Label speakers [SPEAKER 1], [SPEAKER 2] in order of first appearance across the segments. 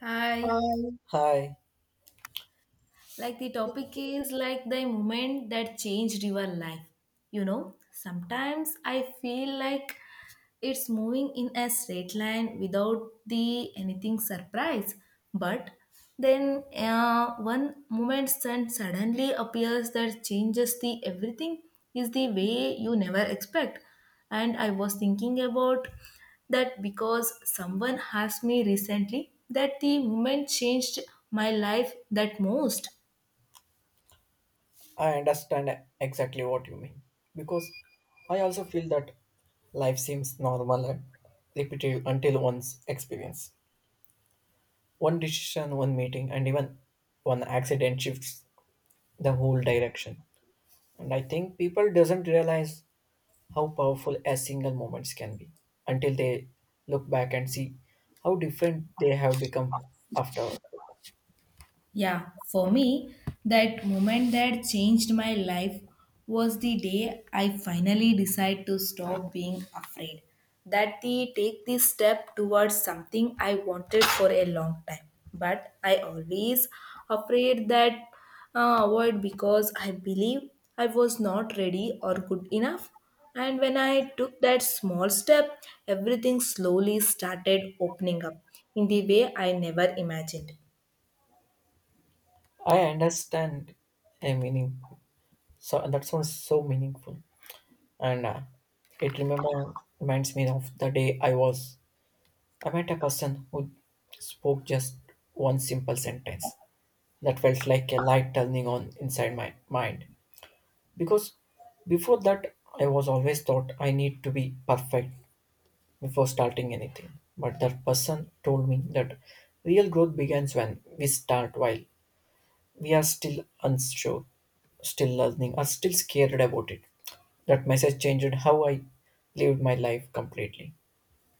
[SPEAKER 1] Hi,
[SPEAKER 2] Hi. Hi.
[SPEAKER 1] like the topic is like the moment that changed your life. Sometimes I feel like it's moving in a straight line without the anything surprise. But then one moment suddenly appears that changes the everything is the way you never expect. And I was thinking about that because someone asked me recently that the moment changed my life that most.
[SPEAKER 2] I understand exactly what you mean, because I also feel that life seems normal and repetitive until one's experience. One decision, one meeting, and even one accident shifts the whole direction. And I think people doesn't realize how powerful a single moments can be until they look back and see how different they have become after.
[SPEAKER 1] Yeah, for me, that moment that changed my life was the day I finally decided to stop being afraid. That the take this step towards something I wanted for a long time. But I always afraid that avoid because I believe I was not ready or good enough. And when I took that small step, everything slowly started opening up in the way I never imagined.
[SPEAKER 2] I understand a meaning. So that sounds so meaningful. And it remember Reminds me of the day I met a person who spoke just one simple sentence that felt like a light turning on inside my mind, because before that I was always thought I need to be perfect before starting anything, but that person told me that real growth begins when we start while we are still unsure, still learning, are still scared about it. That message changed how I lived my life completely.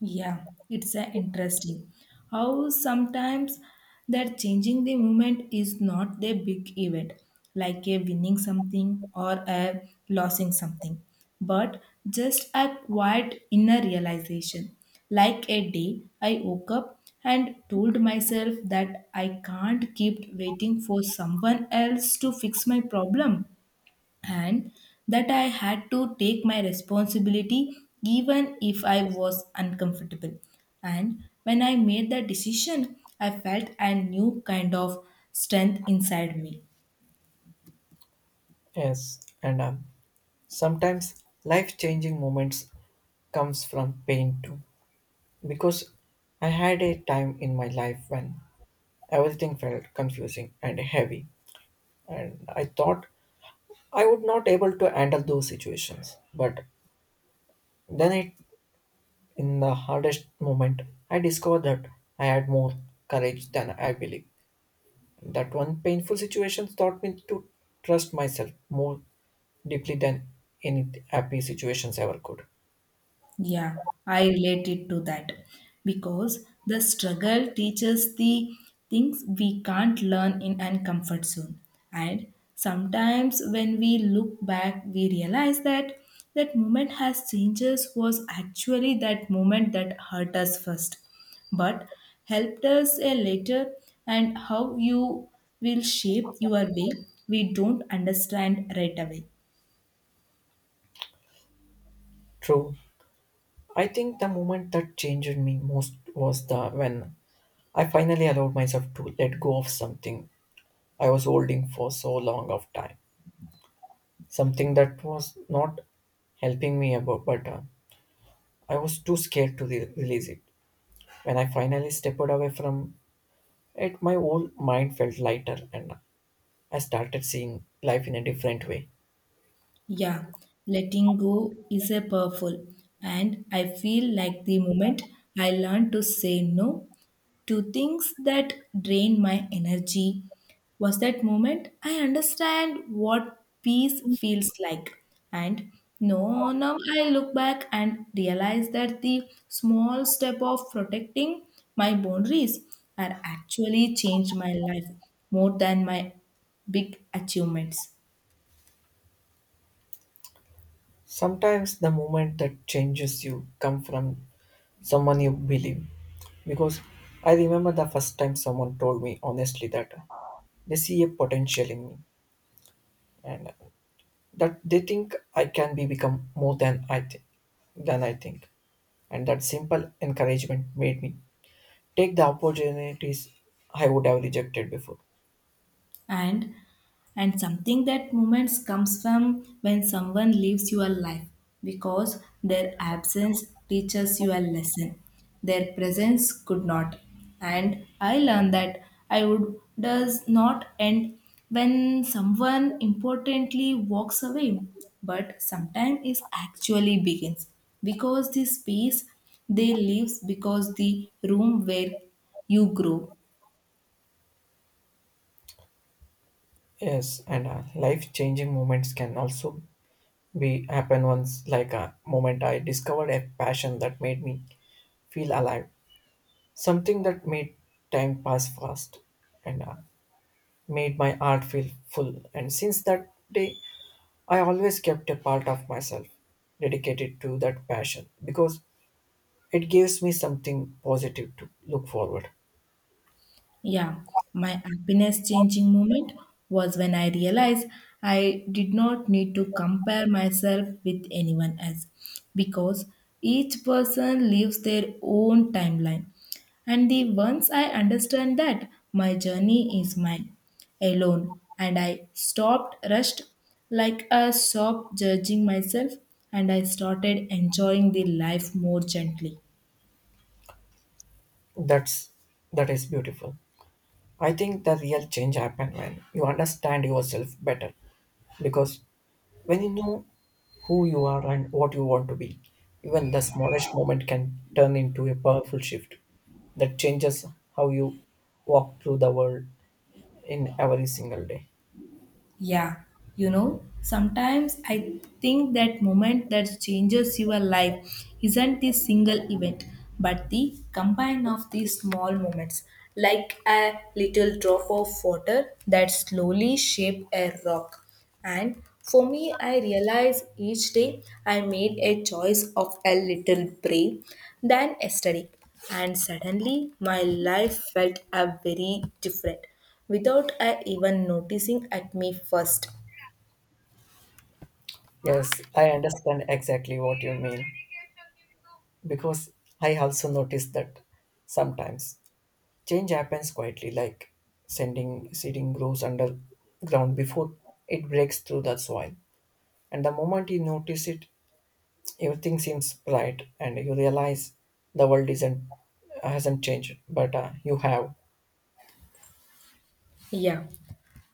[SPEAKER 1] Yeah, it's interesting how sometimes that changing the movement is not a big event, like a winning something or a losing something, but just a quiet inner realization. Like a day, I woke up and told myself that I can't keep waiting for someone else to fix my problem, and that I had to take my responsibility even if I was uncomfortable. And when I made that decision, I felt a new kind of strength inside me.
[SPEAKER 2] Yes, and sometimes life-changing moments comes from pain too, because I had a time in my life when everything felt confusing and heavy, and I thought I would not able to handle those situations. But then, it in the hardest moment, I discovered that I had more courage than I believed. That one painful situation taught me to trust myself more deeply than any happy situations ever could.
[SPEAKER 1] Yeah, I related to that because the struggle teaches the things we can't learn in an comfort zone. And sometimes when we look back, we realize that that moment has changes was actually that moment that hurt us first, but helped us a later. And how you will shape your way, we don't understand right away.
[SPEAKER 2] True. I think the moment that changed me most was the when I finally allowed myself to let go of something I was holding for so long of time. Something that was not helping me about, but I was too scared to release it. When I finally stepped away from it, my whole mind felt lighter and I started seeing life in a different way.
[SPEAKER 1] Yeah, letting go is a powerful, and I feel like the moment I learned to say no to things that drain my energy was that moment I understand what peace feels like. And no, now I look back and realize that the small step of protecting my boundaries had actually changed my life more than my big achievements.
[SPEAKER 2] Sometimes the moment that changes you come from someone you believe. Because I remember the first time someone told me honestly that they see a potential in me, and that they think I can be become more than I think than I think. And that simple encouragement made me take the opportunities I would have rejected before.
[SPEAKER 1] and and something that moments comes from when someone leaves your life because their absence teaches you a lesson their presence could not, and I learned that I would does not end when someone importantly walks away, but sometimes it actually begins because the space they leaves because the room where you grow.
[SPEAKER 2] Yes, and life changing moments can also we happened once, like a moment I discovered a passion that made me feel alive, something that made time pass fast, and made my heart feel full. And since that day I always kept a part of myself dedicated to that passion, because it gives me something positive to look forward.
[SPEAKER 1] Yeah, my happiness changing moment was when I realized I did not need to compare myself with anyone else because each person lives their own timeline. And the once I understand that my journey is mine alone and I stopped rushed, like a stop judging myself, and I started enjoying the life more gently.
[SPEAKER 2] that's that is beautiful. I think the real change happen when you understand yourself better, because when you know who you are and what you want to be, even the smallest moment can turn into a powerful shift that changes how you walk through the world in every single day.
[SPEAKER 1] Yeah, sometimes I think that moment that changes your life isn't the single event, but the combine of these small moments, like a little drop of water that slowly shape a rock. And for me, I realize each day I made a choice of a little brave than yesterday. And suddenly my life felt a very different without I even noticing at me first.
[SPEAKER 2] Yes, I understand exactly what you mean, because I also notice that sometimes change happens quietly, like sending seeding grows underground before it breaks through the soil. And the moment you notice it, everything seems bright and you realize the world isn't hasn't changed, but you have.
[SPEAKER 1] Yeah.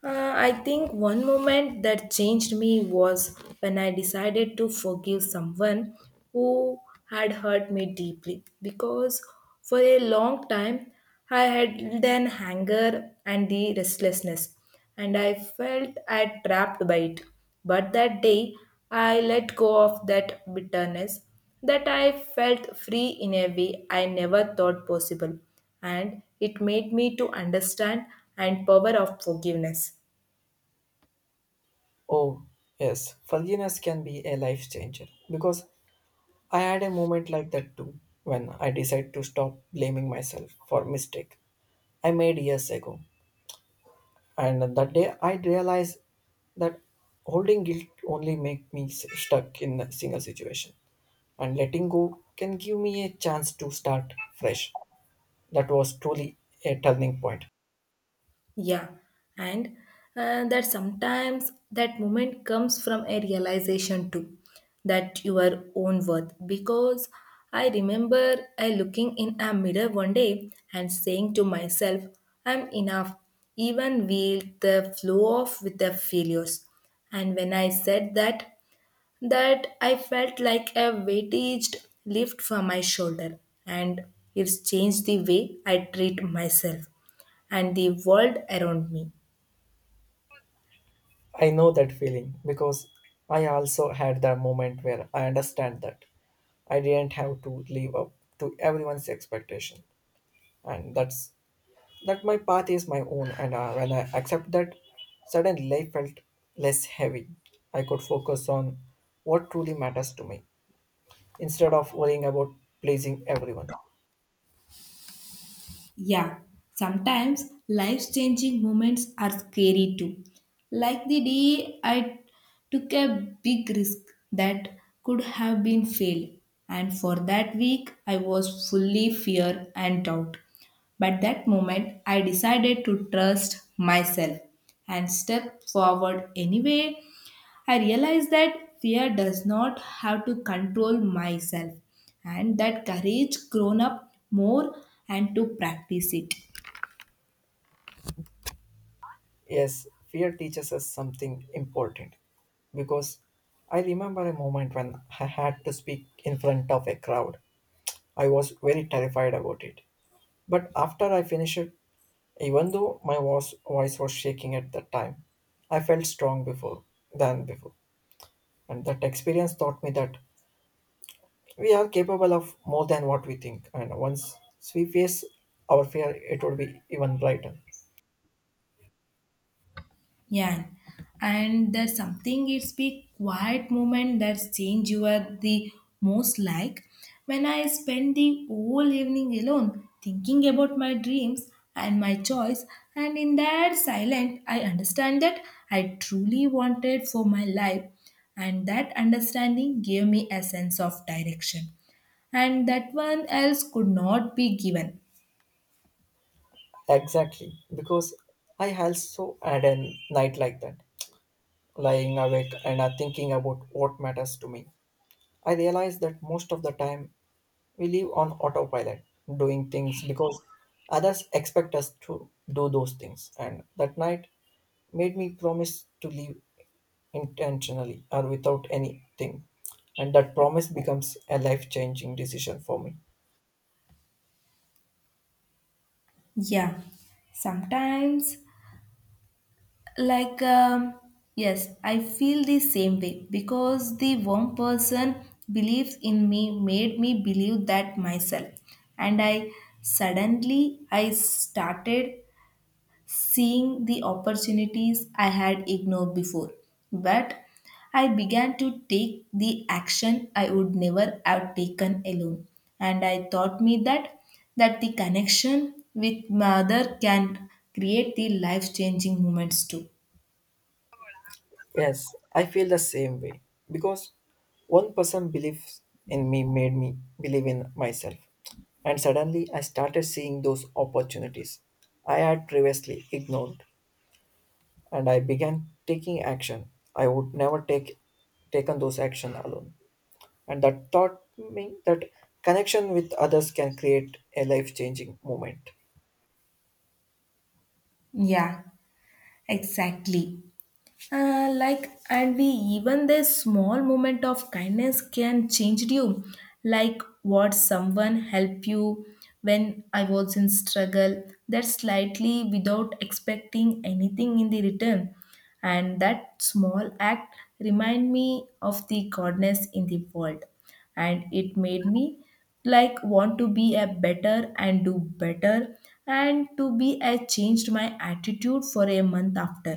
[SPEAKER 1] I think one moment that changed me was when I decided to forgive someone who had hurt me deeply, because for a long time I had hidden anger and the restlessness, and I felt I trapped by it. But that day I let go of that bitterness that I felt free in a way I never thought possible, and it made me to understand and power of forgiveness.
[SPEAKER 2] Oh, yes, forgiveness can be a life changer, because I had a moment like that too, when I decided to stop blaming myself for mistake I made years ago. And that day I realized that holding guilt only make me stuck in a single situation, and letting go can give me a chance to start fresh. That was truly a turning point.
[SPEAKER 1] Yeah, and that sometimes that moment comes from a realization too, that your own worth, because I remember I looking in a mirror one day and saying to myself, I'm enough, even with the flow of with the failures. And when I said that, that I felt like a weightage lift from my shoulder, and it's changed the way I treat myself and the world around me.
[SPEAKER 2] I know that feeling, because I also had the moment where I understand that I didn't have to live up to everyone's expectation, and that my path is my own. And when I accept that, suddenly life felt less heavy. I could focus on what truly matters to me instead of worrying about pleasing everyone.
[SPEAKER 1] Yeah, sometimes life changing moments are scary too. Like the day I took a big risk that could have been failed, and for that week I was fully fear and doubt. But that moment I decided to trust myself and step forward anyway, I realized that fear does not have to control myself, and that courage grown up more and to practice it.
[SPEAKER 2] Yes, fear teaches us something important, because I remember a moment when I had to speak in front of a crowd. I was very terrified about it. But after I finished, even though my voice was shaking at that time, I felt strong before than before. And that experience taught me that we are capable of more than what we think. And once we face our fear, it would be even brighter.
[SPEAKER 1] Yeah, and there's something it's be quiet moment that's change you are the most like. When I spend the whole evening alone thinking about my dreams and my choice, and in that silence, I understand that I truly wanted for my life, and that understanding gave me a sense of direction and that one else could not be given.
[SPEAKER 2] Exactly, because I also had a night like that, lying awake and thinking about what matters to me. I realized that most of the time we live on autopilot, doing things because others expect us to do those things. And that night made me promise to live intentionally or without anything. And that promise becomes a life changing decision for me.
[SPEAKER 1] Yeah, sometimes. Like, yes, I feel the same way because the one person believes in me made me believe that myself. And I suddenly I started seeing the opportunities I had ignored before. But I began to take the action I would never have taken alone. And I taught me that that the connection with mother can create the life changing moments too.
[SPEAKER 2] Yes, I feel the same way, because one person believes in me made me believe in myself. And suddenly I started seeing those opportunities I had previously ignored. And I began taking action. I would never taken those action alone. And that taught me that connection with others can create a life-changing moment.
[SPEAKER 1] Yeah, exactly. Like and we even this small moment of kindness can change you like what someone help you when I was in struggle that slightly without expecting anything in the return, and that small act remind me of the goodness in the world, and it made me like want to be a better and do better, and to be I changed my attitude for a month after.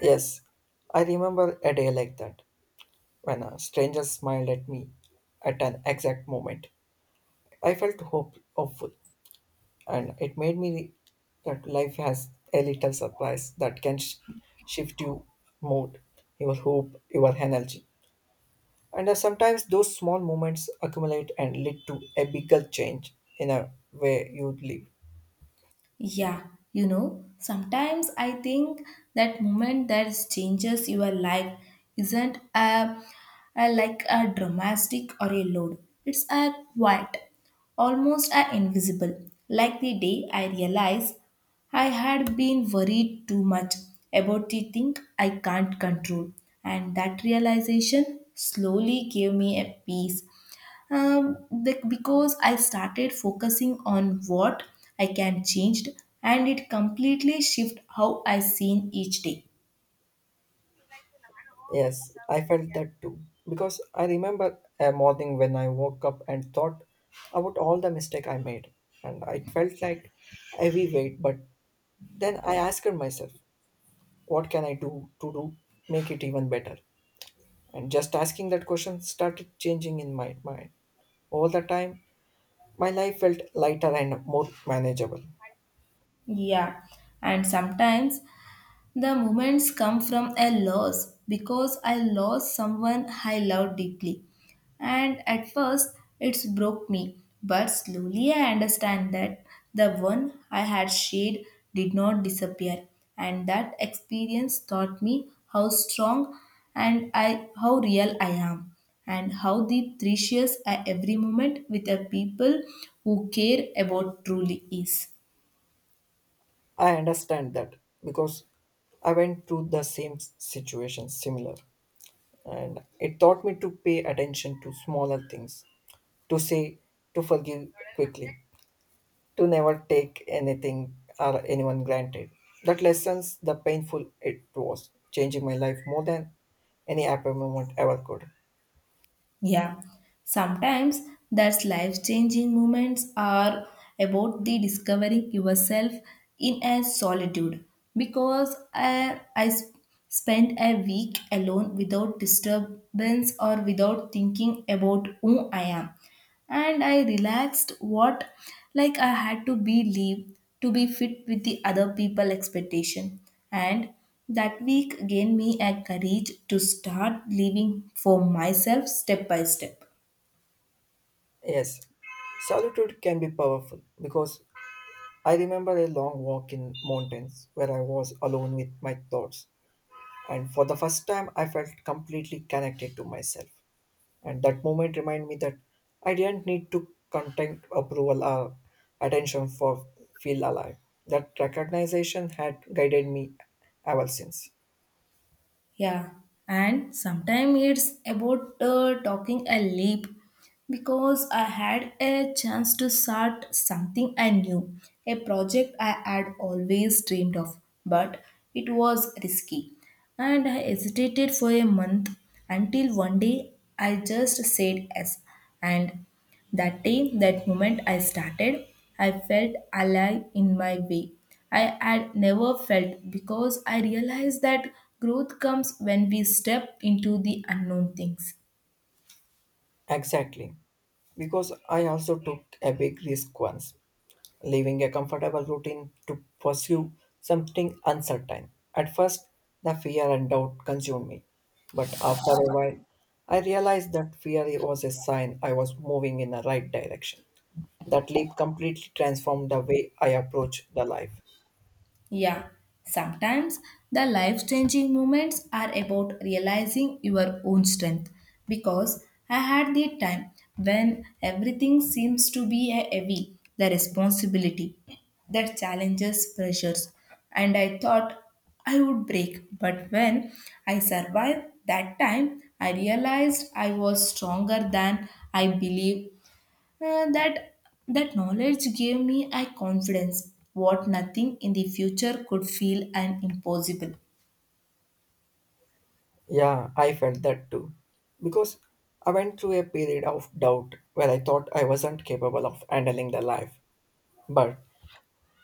[SPEAKER 2] Yes, I remember a day like that, when a stranger smiled at me at an exact moment. I felt hope, hopeful, and it made me that life has a little surprise that can shift your mood, your hope, your energy. And sometimes those small moments accumulate and lead to a bigger change in a way you live.
[SPEAKER 1] Yeah, sometimes I think that moment that changes your life isn't a, like a dramatic or a load. It's a quiet, almost a invisible. Like the day I realized I had been worried too much about the thing I can't control, and that realization slowly gave me a peace, um, because I started focusing on what I can change, and it completely shift how I seen each day.
[SPEAKER 2] Yes, I felt that too. Because I remember a morning when I woke up and thought about all the mistake I made. And it felt like heavy weight. But then I asked myself, what can I do to do make it even better? And just asking that question started changing in my mind. Over the time, my life felt lighter and more manageable.
[SPEAKER 1] Yeah, and sometimes the moments come from a loss because I lost someone I loved deeply. And at first, it's broke me, but slowly I understand that the one I had shared did not disappear, and that experience taught me how strong and I how real I am, and how the precious I every moment with the people who care about truly is.
[SPEAKER 2] I understand that, because I went through the same situation similar, and it taught me to pay attention to smaller things, to say to forgive quickly, to never take anything or anyone granted. That lessons the painful it was, changing my life more than any happy moment ever could.
[SPEAKER 1] Yeah, sometimes that's life changing moments are about the discovering yourself in a solitude because I spent a week alone without disturbance or without thinking about who I am, and I relaxed what like I had to be leave to be fit with the other people expectation, and that week gave me a courage to start living for myself step by step.
[SPEAKER 2] Yes, solitude can be powerful, because I remember a long walk in mountains where I was alone with my thoughts, and for the first time I felt completely connected to myself. And that moment reminded me that I didn't need to contact approval or attention for feel alive. That recognition had guided me ever since.
[SPEAKER 1] Yeah, and sometimes it's about talking a leap because I had a chance to start something I knew, a project I had always dreamed of, but it was risky. And I hesitated for a month until one day I just said yes. And that day, that moment I started, I felt alive in my way. I had never felt because I realized that growth comes when we step into the unknown things.
[SPEAKER 2] Exactly, because I also took a big risk once, leaving a comfortable routine to pursue something uncertain. At first, the fear and doubt consumed me, but after a while, I realized that fear was a sign I was moving in the right direction. That leap completely transformed the way I approach the life.
[SPEAKER 1] Yeah, sometimes the life changing moments are about realizing your own strength, because I had the time when everything seems to be a heavy, the responsibility, the challenges, pressures, and I thought I would break. But when I survived that time, I realized I was stronger than I believed. Uh, that that knowledge gave me a confidence what nothing in the future could feel and impossible.
[SPEAKER 2] Yeah, I felt that too. Because I went through a period of doubt where I thought I wasn't capable of handling the life. But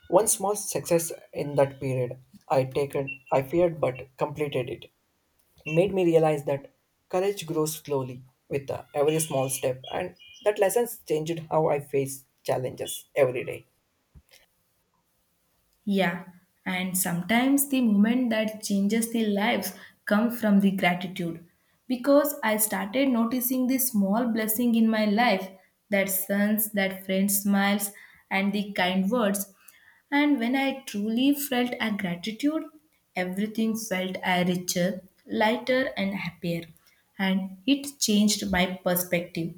[SPEAKER 2] one small success in that period I taken I feared but completed it made me realize that courage grows slowly with every small step, and that lessons changed how I face challenges every day.
[SPEAKER 1] Yeah, and sometimes the moment that changes the lives come from the gratitude. Because I started noticing the small blessing in my life, that suns, that friend smiles, and the kind words. And when I truly felt a gratitude, everything felt a richer, lighter and happier. And it changed my perspective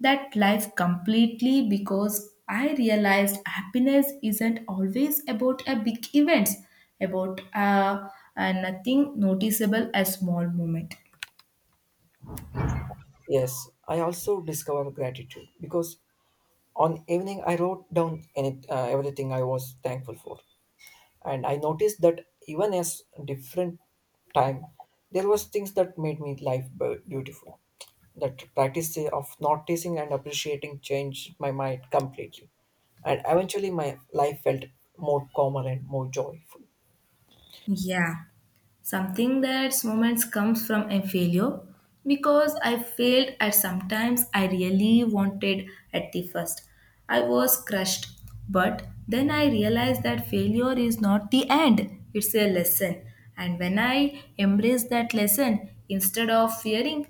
[SPEAKER 1] that life completely because I realized happiness isn't always about a big events, about a nothing noticeable, a small moment.
[SPEAKER 2] Yes, I also discover gratitude, because on evening I wrote down everything I was thankful for, and I noticed that even as different time there was things that made me life beautiful. That practice of noticing and appreciating changed my mind completely, and eventually my life felt more calmer and more joyful.
[SPEAKER 1] Yeah, something that's moments comes from a failure because I failed at sometimes I really wanted at the first. I was crushed, but then I realized that failure is not the end, it's a lesson. And when I embraced that lesson instead of fearing,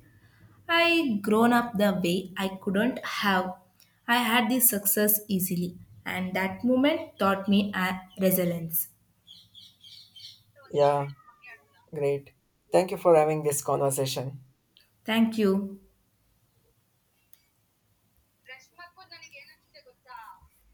[SPEAKER 1] I grown up the way I couldn't have. I had the success easily, and that moment taught me a resilience.
[SPEAKER 2] Yeah, great, thank you for having this conversation.
[SPEAKER 1] Thank you.